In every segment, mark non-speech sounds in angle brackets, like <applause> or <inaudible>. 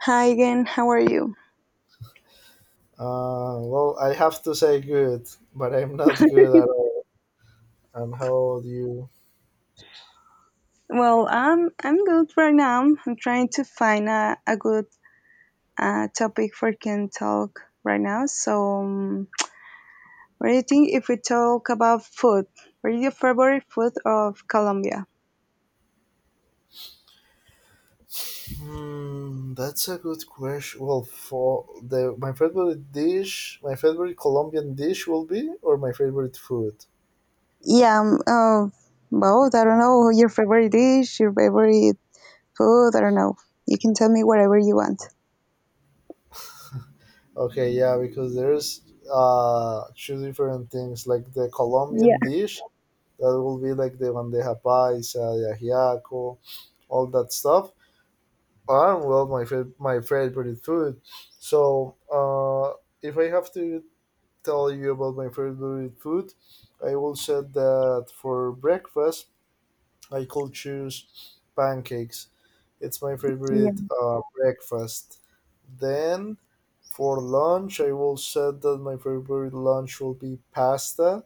Hi again, how are you? Well, I have to say good, but I'm not good at all. And how old you? Well, I'm good right now. I'm trying to find a good topic for can talk right now. So, what do you think if we talk about food? What is your favorite food of Colombia? That's a good question. Well, for the my favorite dish, my favorite Colombian dish will be, or my favorite food. Yeah, both. I don't know your favorite dish, your favorite food. I don't know. You can tell me whatever you want. Okay, yeah, because there's two different things. Like the Colombian Yeah, dish, that will be like the bandeja paisa, the ajiaco, all that stuff. And, well, my favorite food. So, if I have to tell you about my favorite food, I will say that for breakfast, I could choose pancakes. It's my yeah. favorite breakfast. Then for lunch, I will say that my favorite lunch will be pasta.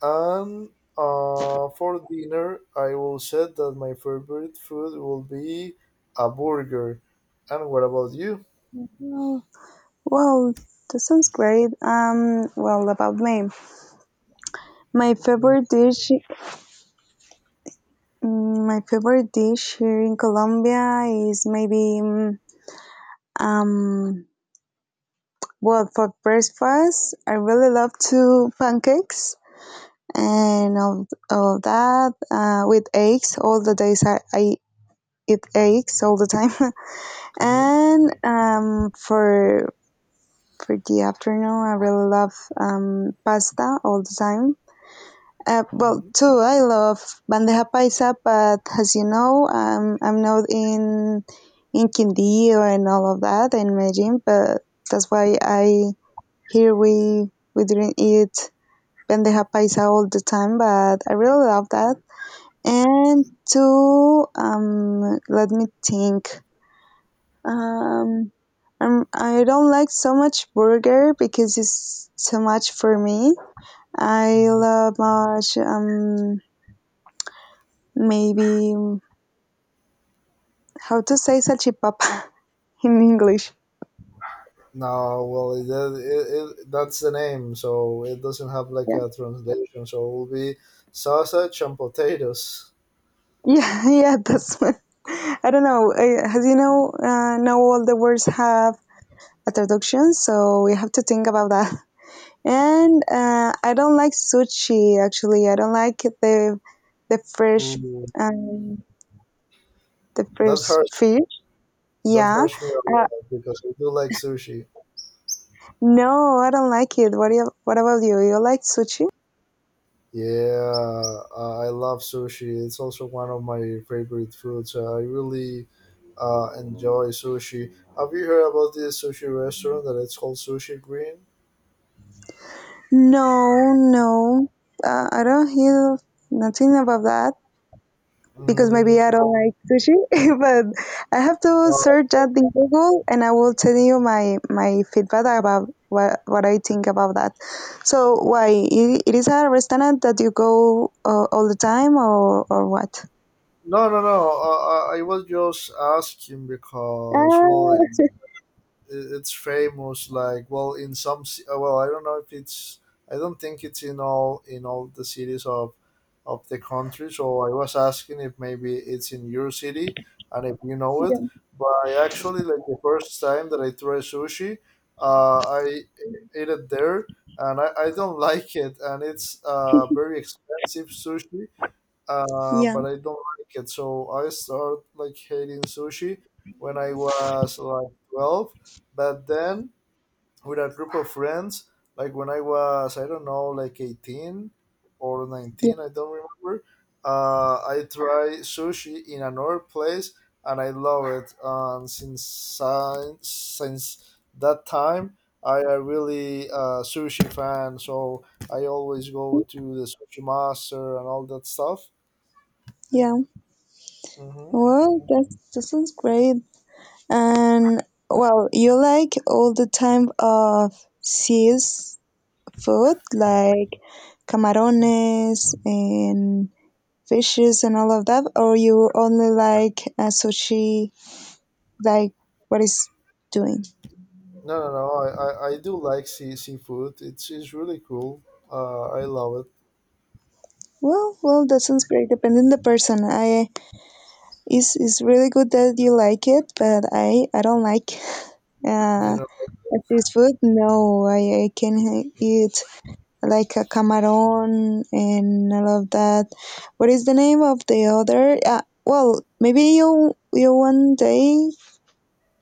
And for dinner, I will say that my favorite food will be a burger. And what about you? Well, well, that sounds great. Well, about me, my favorite dish. Mm, my favorite dish here in Colombia is maybe mm, um well, for breakfast I really love to pancakes and all that with eggs all the days I eat eggs all the time <laughs> Mhm. and for the afternoon I really love pasta all the time. Too, I love bandeja paisa, but as you know, I'm not in in Quindío and all of that in Medellin, but that's why I here we didn't eat bandeja paisa all the time, but I really love that. And two, let me think. Um, um, I don't like so much burger because it's too much for me. I Mhm. love much maybe mm, how to say salchipapa <laughs> in English. No, well, that's the name, so it doesn't have like Yeah, a translation. So it will be sausage and potatoes. yeah, <laughs> yeah. That's <laughs> I don't know. As you know, now all the words have a traduction, so we have to think about that. <laughs> And I don't like sushi. Actually, I don't like the fresh Ooh, um, the that fresh hurts. fish. That Yeah. hurts me a Uh, lot because I do like sushi. no, I don't like it. What about you? You like sushi? Yeah, I love sushi. It's also one of my favorite foods. I really enjoy sushi. Have you heard about this sushi restaurant that it's called Sushi Green? No, no. I don't hear nothing about that. Because maybe Mm, I don't like sushi, <laughs> but I have to uh, search that in Google and I will tell you my my feedback about what I think about that. So why it is a restaurant that you go all the time or what? no, no, no. I was just asking because, well, Ah, it's famous, like, well, in some well, I don't know if it's, I don't think it's in all the cities of the country, so I was asking if maybe it's in your city and if you know it. yeah, But I actually, like, the first time that I tried sushi, I ate it there, and I don't <laughs> like it, and it's very expensive sushi, yeah, but I don't like it. So I start like hating sushi when I was like 12. But then, with a group of friends, like when I was, I don't know, like 18 or yeah, 19, I don't remember, I try sushi in another place and I love it. And since that time, I am really a sushi fan, so I always go to the sushi master and all that stuff. yeah. Mm-hmm. Mm-hmm. Well, that that sounds great. And well, you like all the time of seas food like camarones and fishes and all of that, or you only like sushi, like what is doing? No, no, no. I do like seafood. It's really cool. I love Well, well, that sounds great. Depending the person, I is really good that you like it, but I don't like it. You uh know. this food. No, I can eat like a camaron and all of that. What is the name of the other? Maybe you one day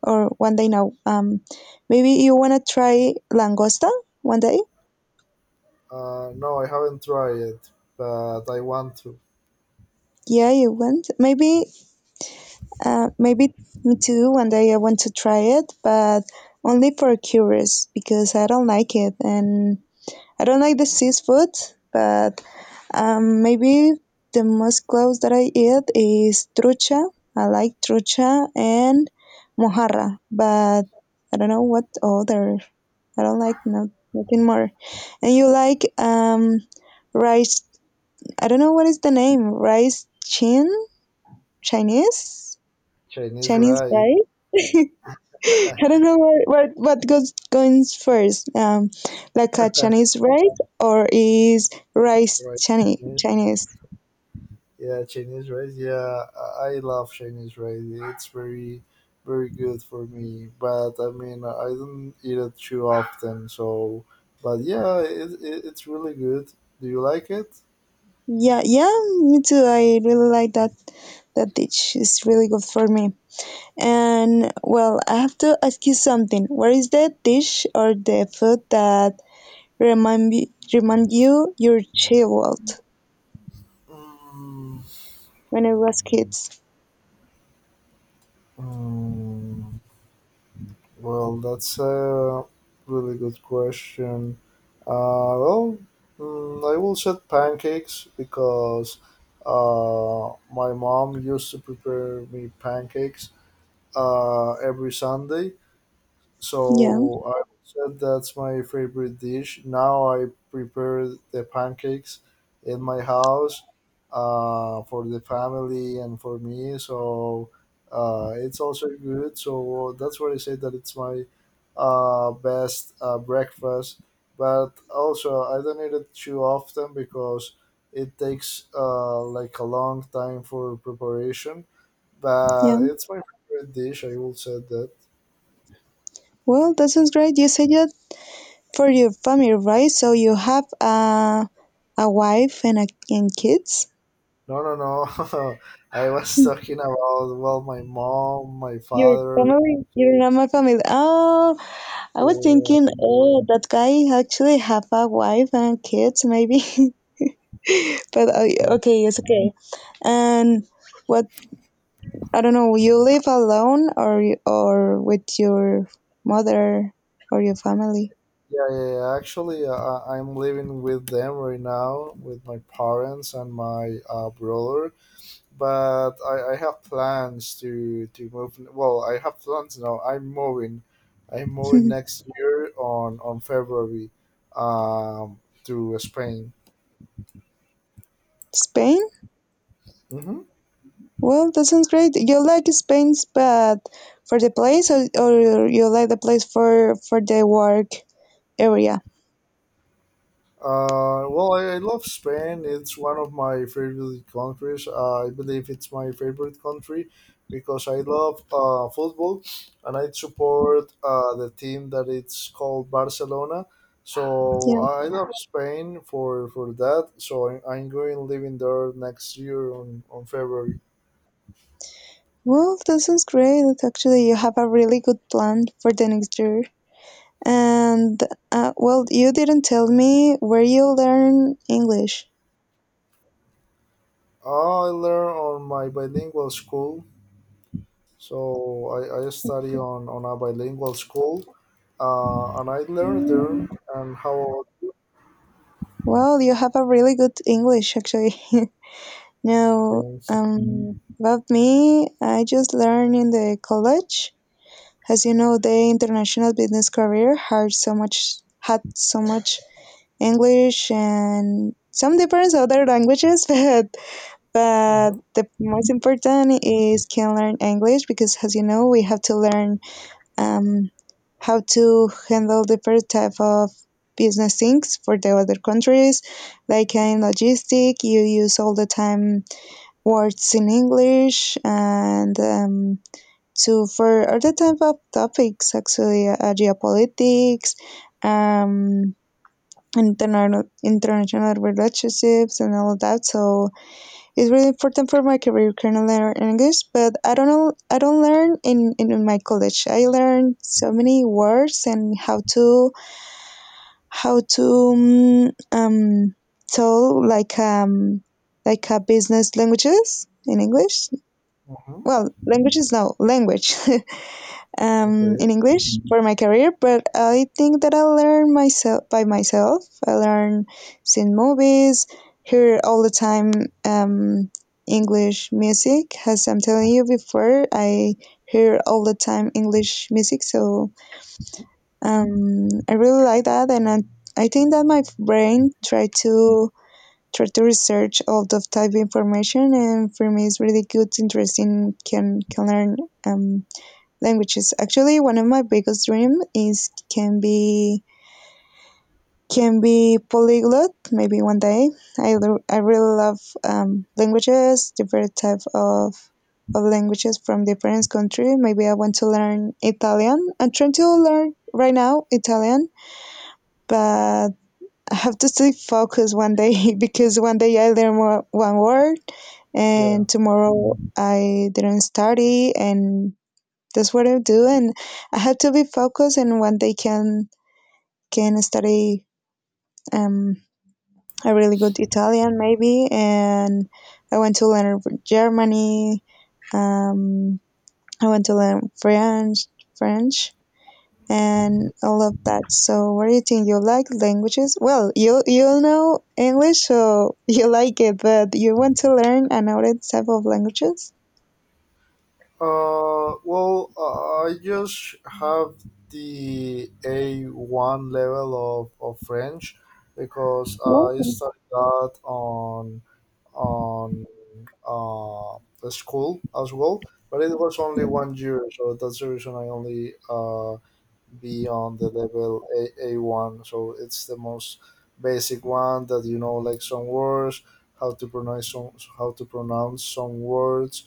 or one day now. Maybe you wanna try langosta one day? No, I haven't tried it, but I want to. Yeah, you want? Maybe, maybe me too. One day I want to try it, but only for curious because I don't like it and I don't like the seafood, but um, maybe the most close that I eat is trucha. I like trucha and mojarra, but I don't know what other. I don't like nothing more. And you like rice? I don't know what is the name. Rice chin Chinese Chinese Chinese rice, rice. <laughs> I don't know what goes first. Like a Chinese rice or is rice right? Chinese Chinese. Yeah, Chinese rice. Yeah, I love Chinese rice. It's very, very good for me. But, I mean, I don't eat it too often. So, but yeah, it's really good. Do you like it? Yeah, yeah, me too. I really like that that dish. It's really good for me. And well, I have to ask you something. What is the dish or the food that remind you your childhood Mm. when I was kids? Mm. Well, that's a really good question. Well, I will said pancakes because my mom used to prepare me pancakes every Sunday. Yeah, So I said that's my favorite dish. Now I prepare the pancakes in my house, for the family and for me. So, it's also good. So that's why I say that it's my best breakfast. But also I don't eat it too often because it takes, like a long time for preparation. yeah. But it's my favorite dish, I will say that. Well, that sounds great. You said that for your family, right? So you have a wife and and kids. No, no, no. <laughs> I was talking about, well, my mom, my Your father. family? You're not my family. Oh, I was Uh, thinking, oh, that guy actually have a wife and kids, maybe. <laughs> but yeah, okay, it's okay. And what I don't know, you live alone or or with your mother or your family? yeah, yeah. Actually, I'm living with them right now, with my parents and my, brother. But I have plans to move. Well, I have plans now. I'm moving. I'm moving <laughs> next year on February, to Spain. Spain? Hmm. Well, that sounds great. You like Spain, but for the place, or you like the place for the work area? Well, I love Spain. It's one of my favorite countries. I believe it's my favorite country because I love, football, and I support, the team that it's called Barcelona. So Yeah. I love Spain for that. So I'm going living there next year on February. Well, that sounds great. Actually, you have a really good plan for the next year. And well, you didn't tell me where you learn English. Ah, I learn on my bilingual school. So I study on a bilingual school, and I learned there. Well, And how you have a really good English, actually. <laughs> Now, Friendship. About me, I just learned in the college. As you know, the international business career had so much English and some different other languages, <laughs> but Mm-hmm. the most important is can learn English because, as you know, we have to learn um, how to handle different type of business things for the other countries. Like in logistic, you use all the time words in English and to for other type of topics, actually geopolitics, um, international international relationships and all that. So it's really important for my career can I learn English, but I don't know I don't learn in my college. I learned so many words and how to mm, um tell like a business languages in English. Uh-huh. Well, languages no language. <laughs> Okay. in English for my career, but I think that I learn myself by myself. I learn seeing movies, hear all the time um, English music. As I'm telling you before, I hear all the time English music, so I really like that, and I think that my brain try to try to research all the type of information, and for me, it's really good, interesting. Can learn um, languages. Actually, one of my biggest dream is can be polyglot. Maybe one day. I really love languages, different type of languages from different country. Maybe I want to learn Italian. I'm trying to learn right now Italian, but I have to stay focused one day <laughs> because one day I learn one word Yeah. and tomorrow I didn't study and that's what I do, and I have to be focused. And one day can study um, a really good Italian, maybe. And I want to learn Germany. Um, I want to learn French, French, Mm-hmm. and all of that. So, what do you think? You like languages? Well, you know English, so <laughs> you like it, but you want to learn another type of languages. Well, I just have the A1 level of French because Well, I studied that on the school as well, but it was only 1 year, so that's the reason I only, be on the level A1. So it's the most basic one that you know, like some words, how to pronounce some, how to pronounce some words.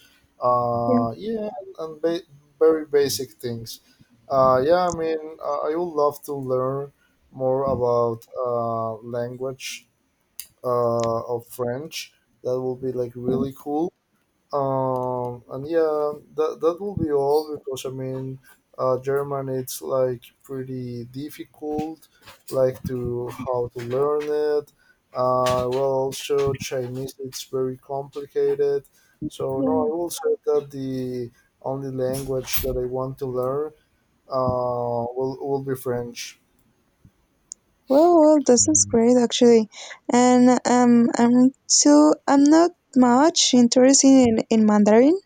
yeah, Yeah, and very basic things. Yeah, I mean, I would love to learn more about, language, of French. That would be, like, really cool, and yeah, that will be all because, I mean, German, it's like pretty difficult, like to how to learn it. Well, also Chinese it's very complicated. So no, I yeah. will say that the only language that I want to learn will be French. Well, well, this is great actually, and I'm too. I'm not much interested in Mandarin,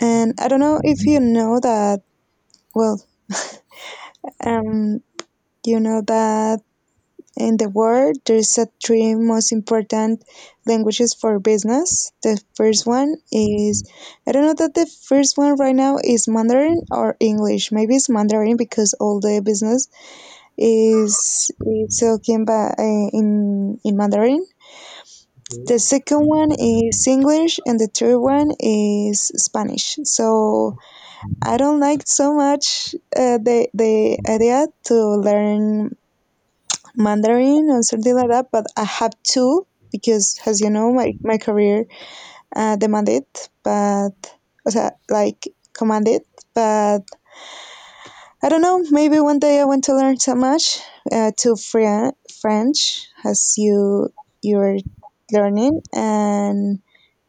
and Mhm. I don't know if Mhm. you know that. Well, um, you know that in the world there's a three most important languages for business. The first one is I don't know that the first one right now is Mandarin or English. Maybe it's Mandarin because all the business is talking by, in Mandarin. Okay. The second one is English and the third one is Spanish. So I don't like so much the idea to learn Mandarin or something like that, but I have to because, as you know, my career demand. But o sea, like commanded. But I don't know. Maybe one day I want to learn so much to French as you you're learning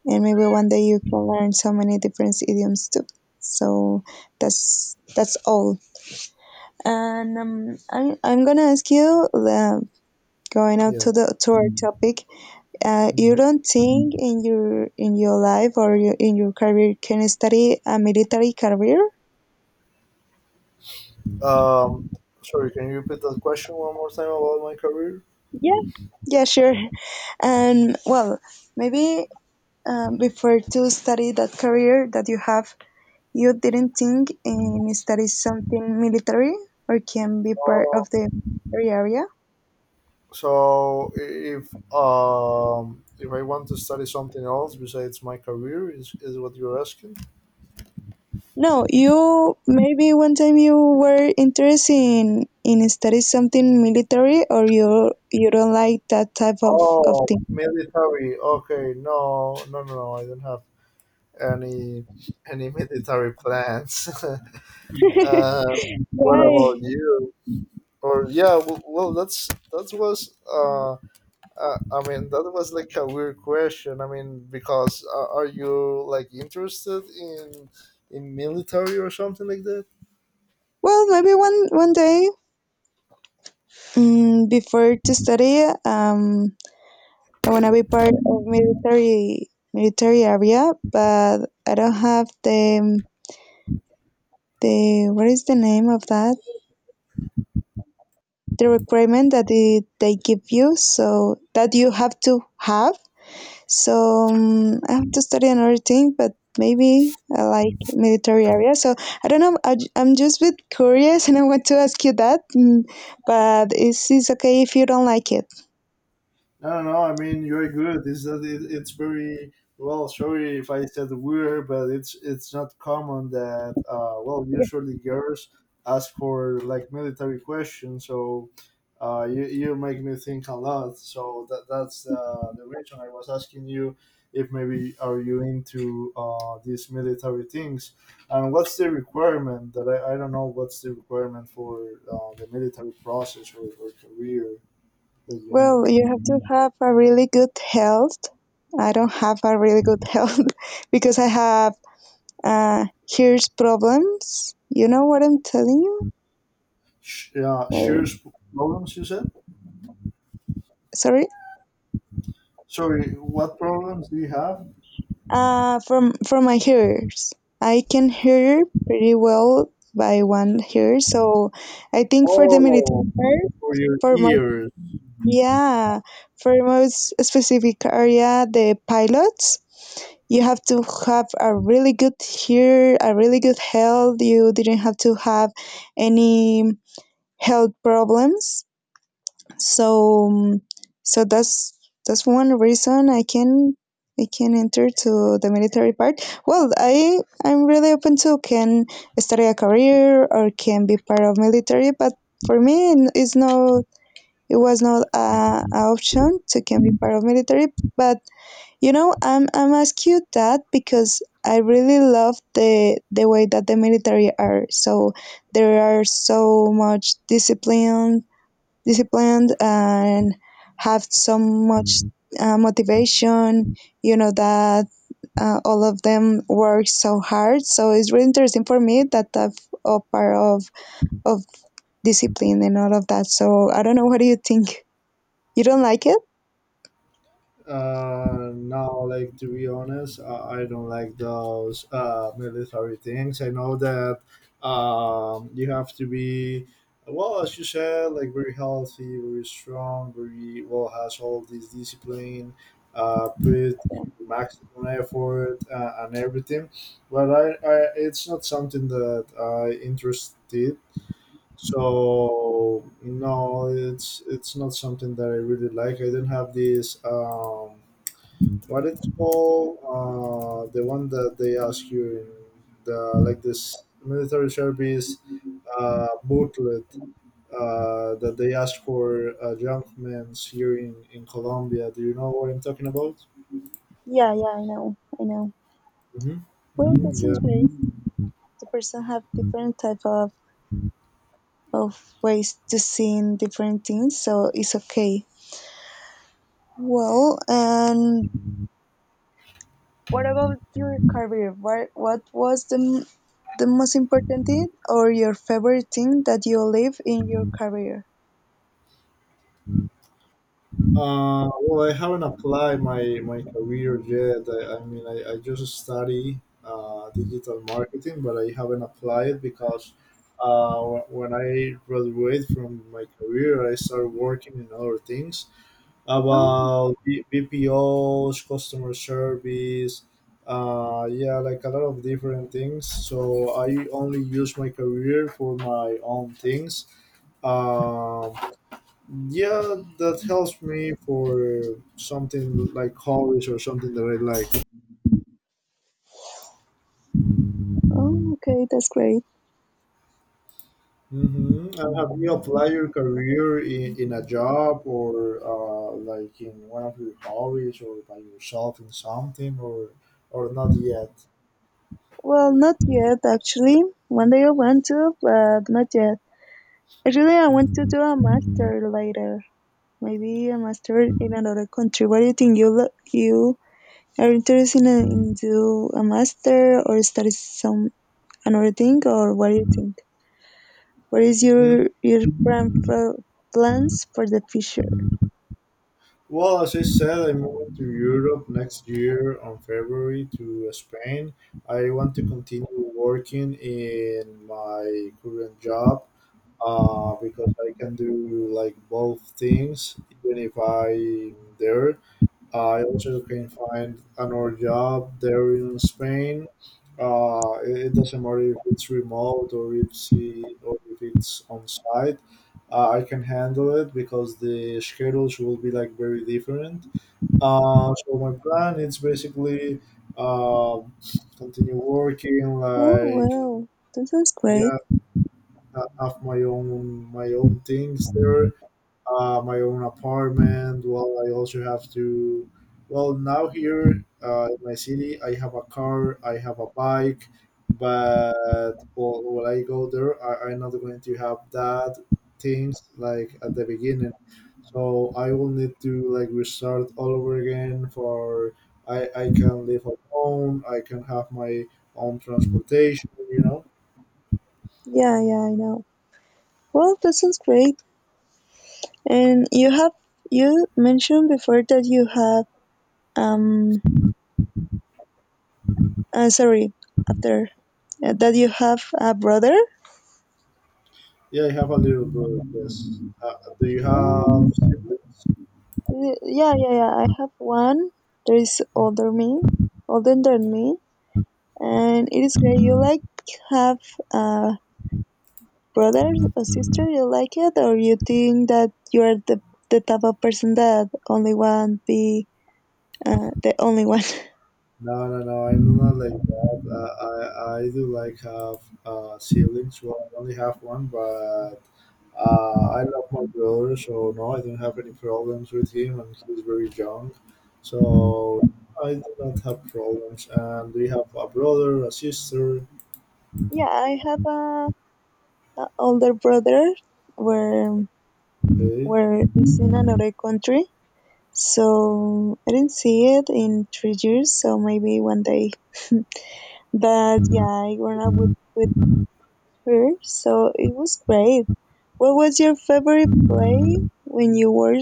and maybe one day you can learn so many different idioms too. So that's all. And I, I'm gonna ask you the going out Yes. to the to our topic. You Mhm. don't think in your life or your, in your career can you study a military career? Um, Sorry, can you repeat that question one more time about my career? Yeah, yeah, sure. And well, maybe before to study, that career that you have. You didn't think that is something military or can be part of the military area? So if I want to study something else besides my career, is what you're asking? No, you maybe one time you were interested in study something military or you don't like that type of Oh, thing. military. Okay, no, no, no, no. I don't have any any military plans. <laughs> uh, what Why? about you? Or yeah, well, that was, I mean that was like a weird question. I mean, because, are you, like, interested in military or something like that? Well, maybe one day before to study, I wanna be part of military military area, but I don't have the what is the name of that? The requirement that they give you so that you have to have, so I have to study another thing but maybe I like military area so I don't know. Am just a bit curious <laughs> and I want to ask you that mm, but is it okay if you don't like it. No, no, no. I mean, you're good. It's that, it's very well. Sorry if I said weird, but it's not common that, well, Yeah. usually, girls ask for like military questions. So, you make me think a lot. So that's, the reason I was asking you if maybe are you into, these military things, and what's the requirement that, I don't know what's the requirement for, the military process, or career that you need. Well, you have to have a really good health. I don't have a really good <laughs> health because I have uh, hears problems. You know what I'm telling you? Yeah, serious problems, you said? Sorry. Sorry, what problems do you have? From my ears, I can hear pretty well by one ear. So I think for the Oh, military part, for your for most ears. yeah, for most specific area, the pilots, you have to have a really good ear, a really good health. You didn't have to have any health problems so so that's one reason I can enter to the military part. Well, I I'm really open to can study a career or can be part of military, but for me it's no it was not a option to can be part of military. But I'm ask you that because I really love the way that the military are. So there are so much disciplined and have so much motivation, you know that all of them work so hard, so it's really interesting for me that I've a part of discipline and all of that. So I don't know, what do you think? You don't like it? No, like, to be honest, I don't like those, military things. I know that, you have to be, well, as you said, like, very healthy, very strong, very well, has all this discipline, put your maximum effort, and everything. But, it's not something that I interested. So no, it's not something that I really like. I do not have this. What it's called? The one that they ask you in the, like, this military service booklet, that they ask for, young men here in Colombia. Do you know what I'm talking about? Yeah, yeah, I know, I know. Mm-hmm. Well, Mm-hmm. this is Yeah. very the person have different type of ways to see in different things, so it's okay. Well, and what about your career? What was the most important thing or your favorite thing that you live in your career? Well, I haven't applied my career yet. I mean, I just study, digital marketing, but I haven't applied because, when I graduate from my career, I started working in other things Oh, about, BPOs, customer service, yeah, like a lot of different things. So I only use my career for my own things. Um, yeah, that helps me for, something like hobbies or something that I like. oh, okay, that's great. And have you applied your career in a job or, like, in one of your hobbies, or by yourself in something or not yet? Well, not yet actually. One day I want to, but not yet. Actually, I want to do a master later. Maybe a master in another country. What do you think? You are interested in do a master or study some another thing, or what do you think? What is Mhm. your plans for the future? Well, as I said, I'm moving to Europe next year on February to Spain. I want to continue working in my current job, because I can do like both things, even if I'm there. I also can find another job there in Spain. It doesn't matter if it's remote or if it's on site. I can handle it because the schedules will be like very different. So, my plan is basically, uh, continue working, Oh like, well, that sounds great. yeah, I have my own things there, my own apartment. Well, I also have to. Well, now here, in my city, I have a car, I have a bike, but, well, when I go there, I'm not going to have that things like at the beginning. So I will need to like restart all over again. For I can live alone. I can have my own transportation. You know. Yeah, yeah, I know. Well, that sounds great. And you mentioned before that you have um sorry after that you have a brother. Yeah, I have a little brother. Yes. Do you Oh, have siblings? Yeah, yeah, yeah. I have one. There is older than me, Mhm. and it is great. You like have uh brother or sister? You like it? Or you think that you're the type of person that only want be the only one? No, no, no. I'm not like that. I do like have, siblings. Well, I only have one, but, I love my brother, so no, I don't have any problems with him, and he's very young, so I do not have problems. And we have a brother, a sister. <laughs> Yeah, I have a older brother, where Okay. where is in another country, so I didn't see it in 3 years, so maybe one day. But yeah, I grew up with her, so it was great. What was your favorite play when you were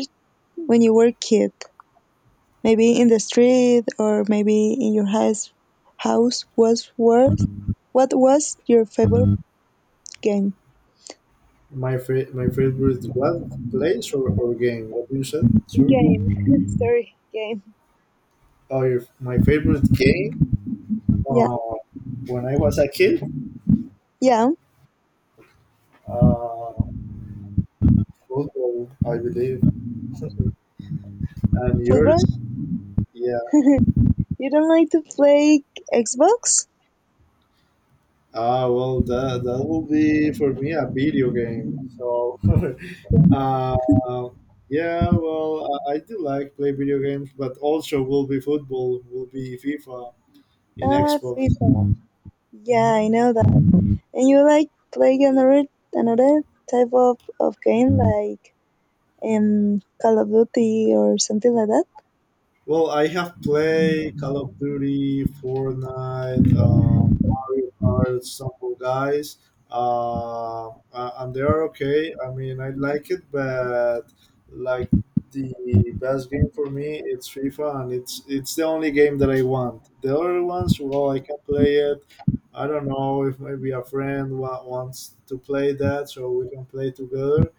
kid? Maybe in the street, or maybe in your house house was worth What was your favorite game? My favorite, what, place, or game? What you said, sir? Game. <laughs> Sorry, game. Oh, your, my favorite game. Yeah, Uh, when I was a kid. yeah, Uh, Football, I believe. And football. yours? Yeah. <laughs> You don't like to play Xbox? Well, that will be for me a video game. So, <laughs> uh, yeah. Well, I do like play video games, but also will be football, will be FIFA in Ah, Xbox. FIFA. Yeah, I Mhm. know that. And you like play another type of game like Call of Duty or something like that? Well, I have played Call of Duty, Fortnite, Mario Kart, some of guys, and they are okay. I mean, I like it, but like the best game for me, it's FIFA, and it's the only game that I want. The other ones, well, I can play it. I don't know if maybe a friend wants to play that, so we can play together,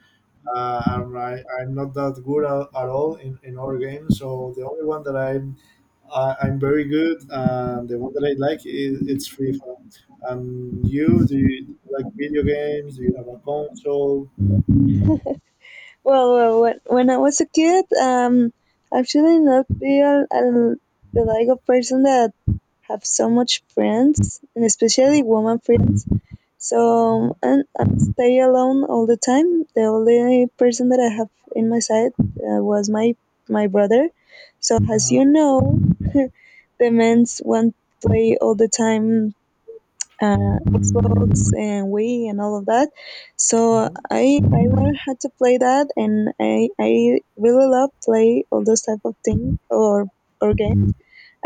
I'm not that good at all in other games. So the only one that I'm very good, and the one that I like is it's FIFA. And you, do you like video games? Do you have a console? Well, when I was a kid, actually not be the like of person that have so much friends, and especially woman friends. Hmm. So and I stay alone all the time. The only person that I have in my side, was my brother. So as you Uh-huh. know, <laughs> the men's want play all the time, Xbox and Wii and all of that. So Hmm. I learned how to play that, and I really love play all those type of thing or game.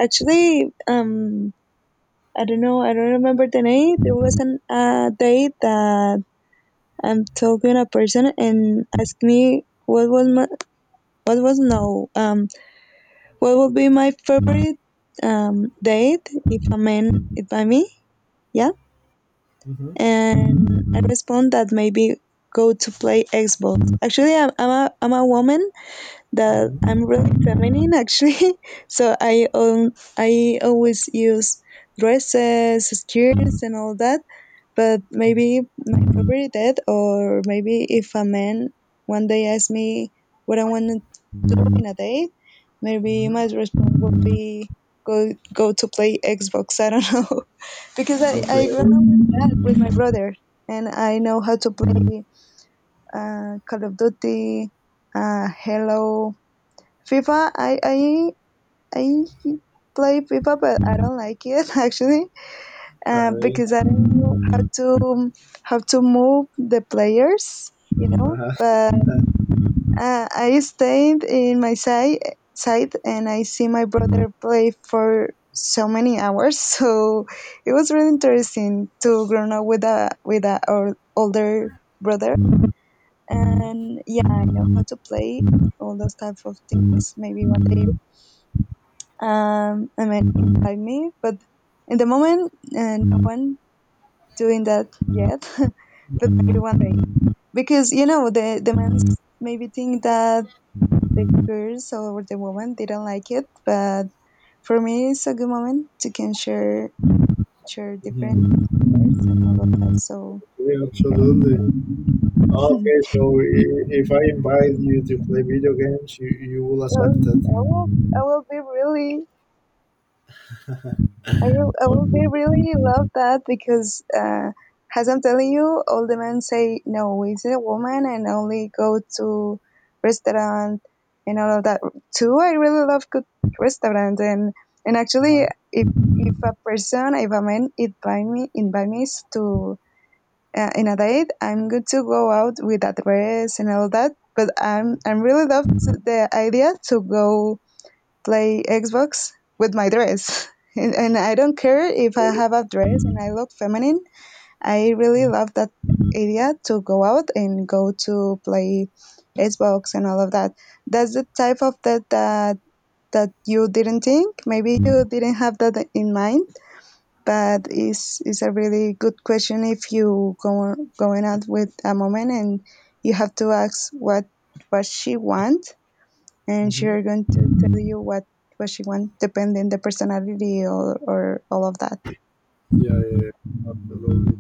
Actually, I don't know, I don't remember the name. There was an day that I'm talking a person and asked me what was my what was no what would be my favorite date, if a man if by me. Yeah. Hmm. And I respond that maybe go to play Xbox. Actually, I'm a woman, that Hmm. I'm really feminine actually, <laughs> so I always use dresses, skirts, and all that. But maybe my favorite dad, or maybe if a man one day asks me what I want to do in a day, maybe Hmm. my response would be go to play Xbox. <laughs> I don't know. <laughs> Because I grew up Okay. with that with my brother, and I know how to play Call of Duty, Hello, FIFA. I play FIFA, but I don't like it, <laughs> actually Alright. because I don't know how to move the players. Uh-huh. But <laughs> I stayed in my side, and I see my brother play for so many hours. <laughs> So it was really interesting to grow up with a or older brother. Mhm. And yeah, I know how to play all those type of things. Maybe one day, I might invite me, but in the moment, no one doing that yet. <laughs> But maybe one day, because you know the men maybe think that the girls or the women didn't like it, but for me it's a good moment to can share different Mhm. words and all of that. So Yeah, <laughs> absolutely. so Okay, so if I invite you to play video games, you will I accept it. will I will be really I will Okay. be really love that, because, as I'm telling you, all the men say no, it's a woman and only go to restaurant and all of that. Too, I really love good restaurant and actually, Uh-huh. If a man invite me to in a date, I'm good to go out with a dress and all that. But I'm really love to the idea to go play Xbox with my dress. <laughs> And I don't care if I have a dress and I look feminine. I really love that idea to go out and go to play Xbox and all of that. That's the type of that that you didn't think. Maybe you didn't have that in mind, but is a really good question. If you go going out with a woman, and you have to ask what she wants, and she's Mm-hmm. going to tell you what she wants, depending the personality or all of that. Yeah, yeah, yeah, absolutely.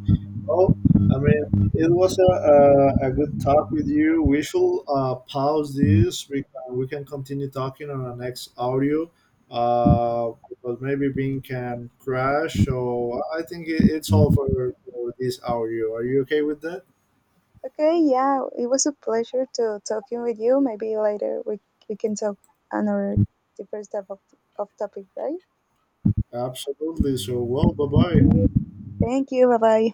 Well, I mean, it was a good talk with you. We should, pause this. We can continue talking on our next audio, uh, but maybe Bing can crash. So I think it's all for this audio. Are you okay with that? Okay, yeah, it was a pleasure to talking with you. Maybe later we can talk another different type of topic, right? Absolutely. So, well, bye bye. Thank you. Bye bye.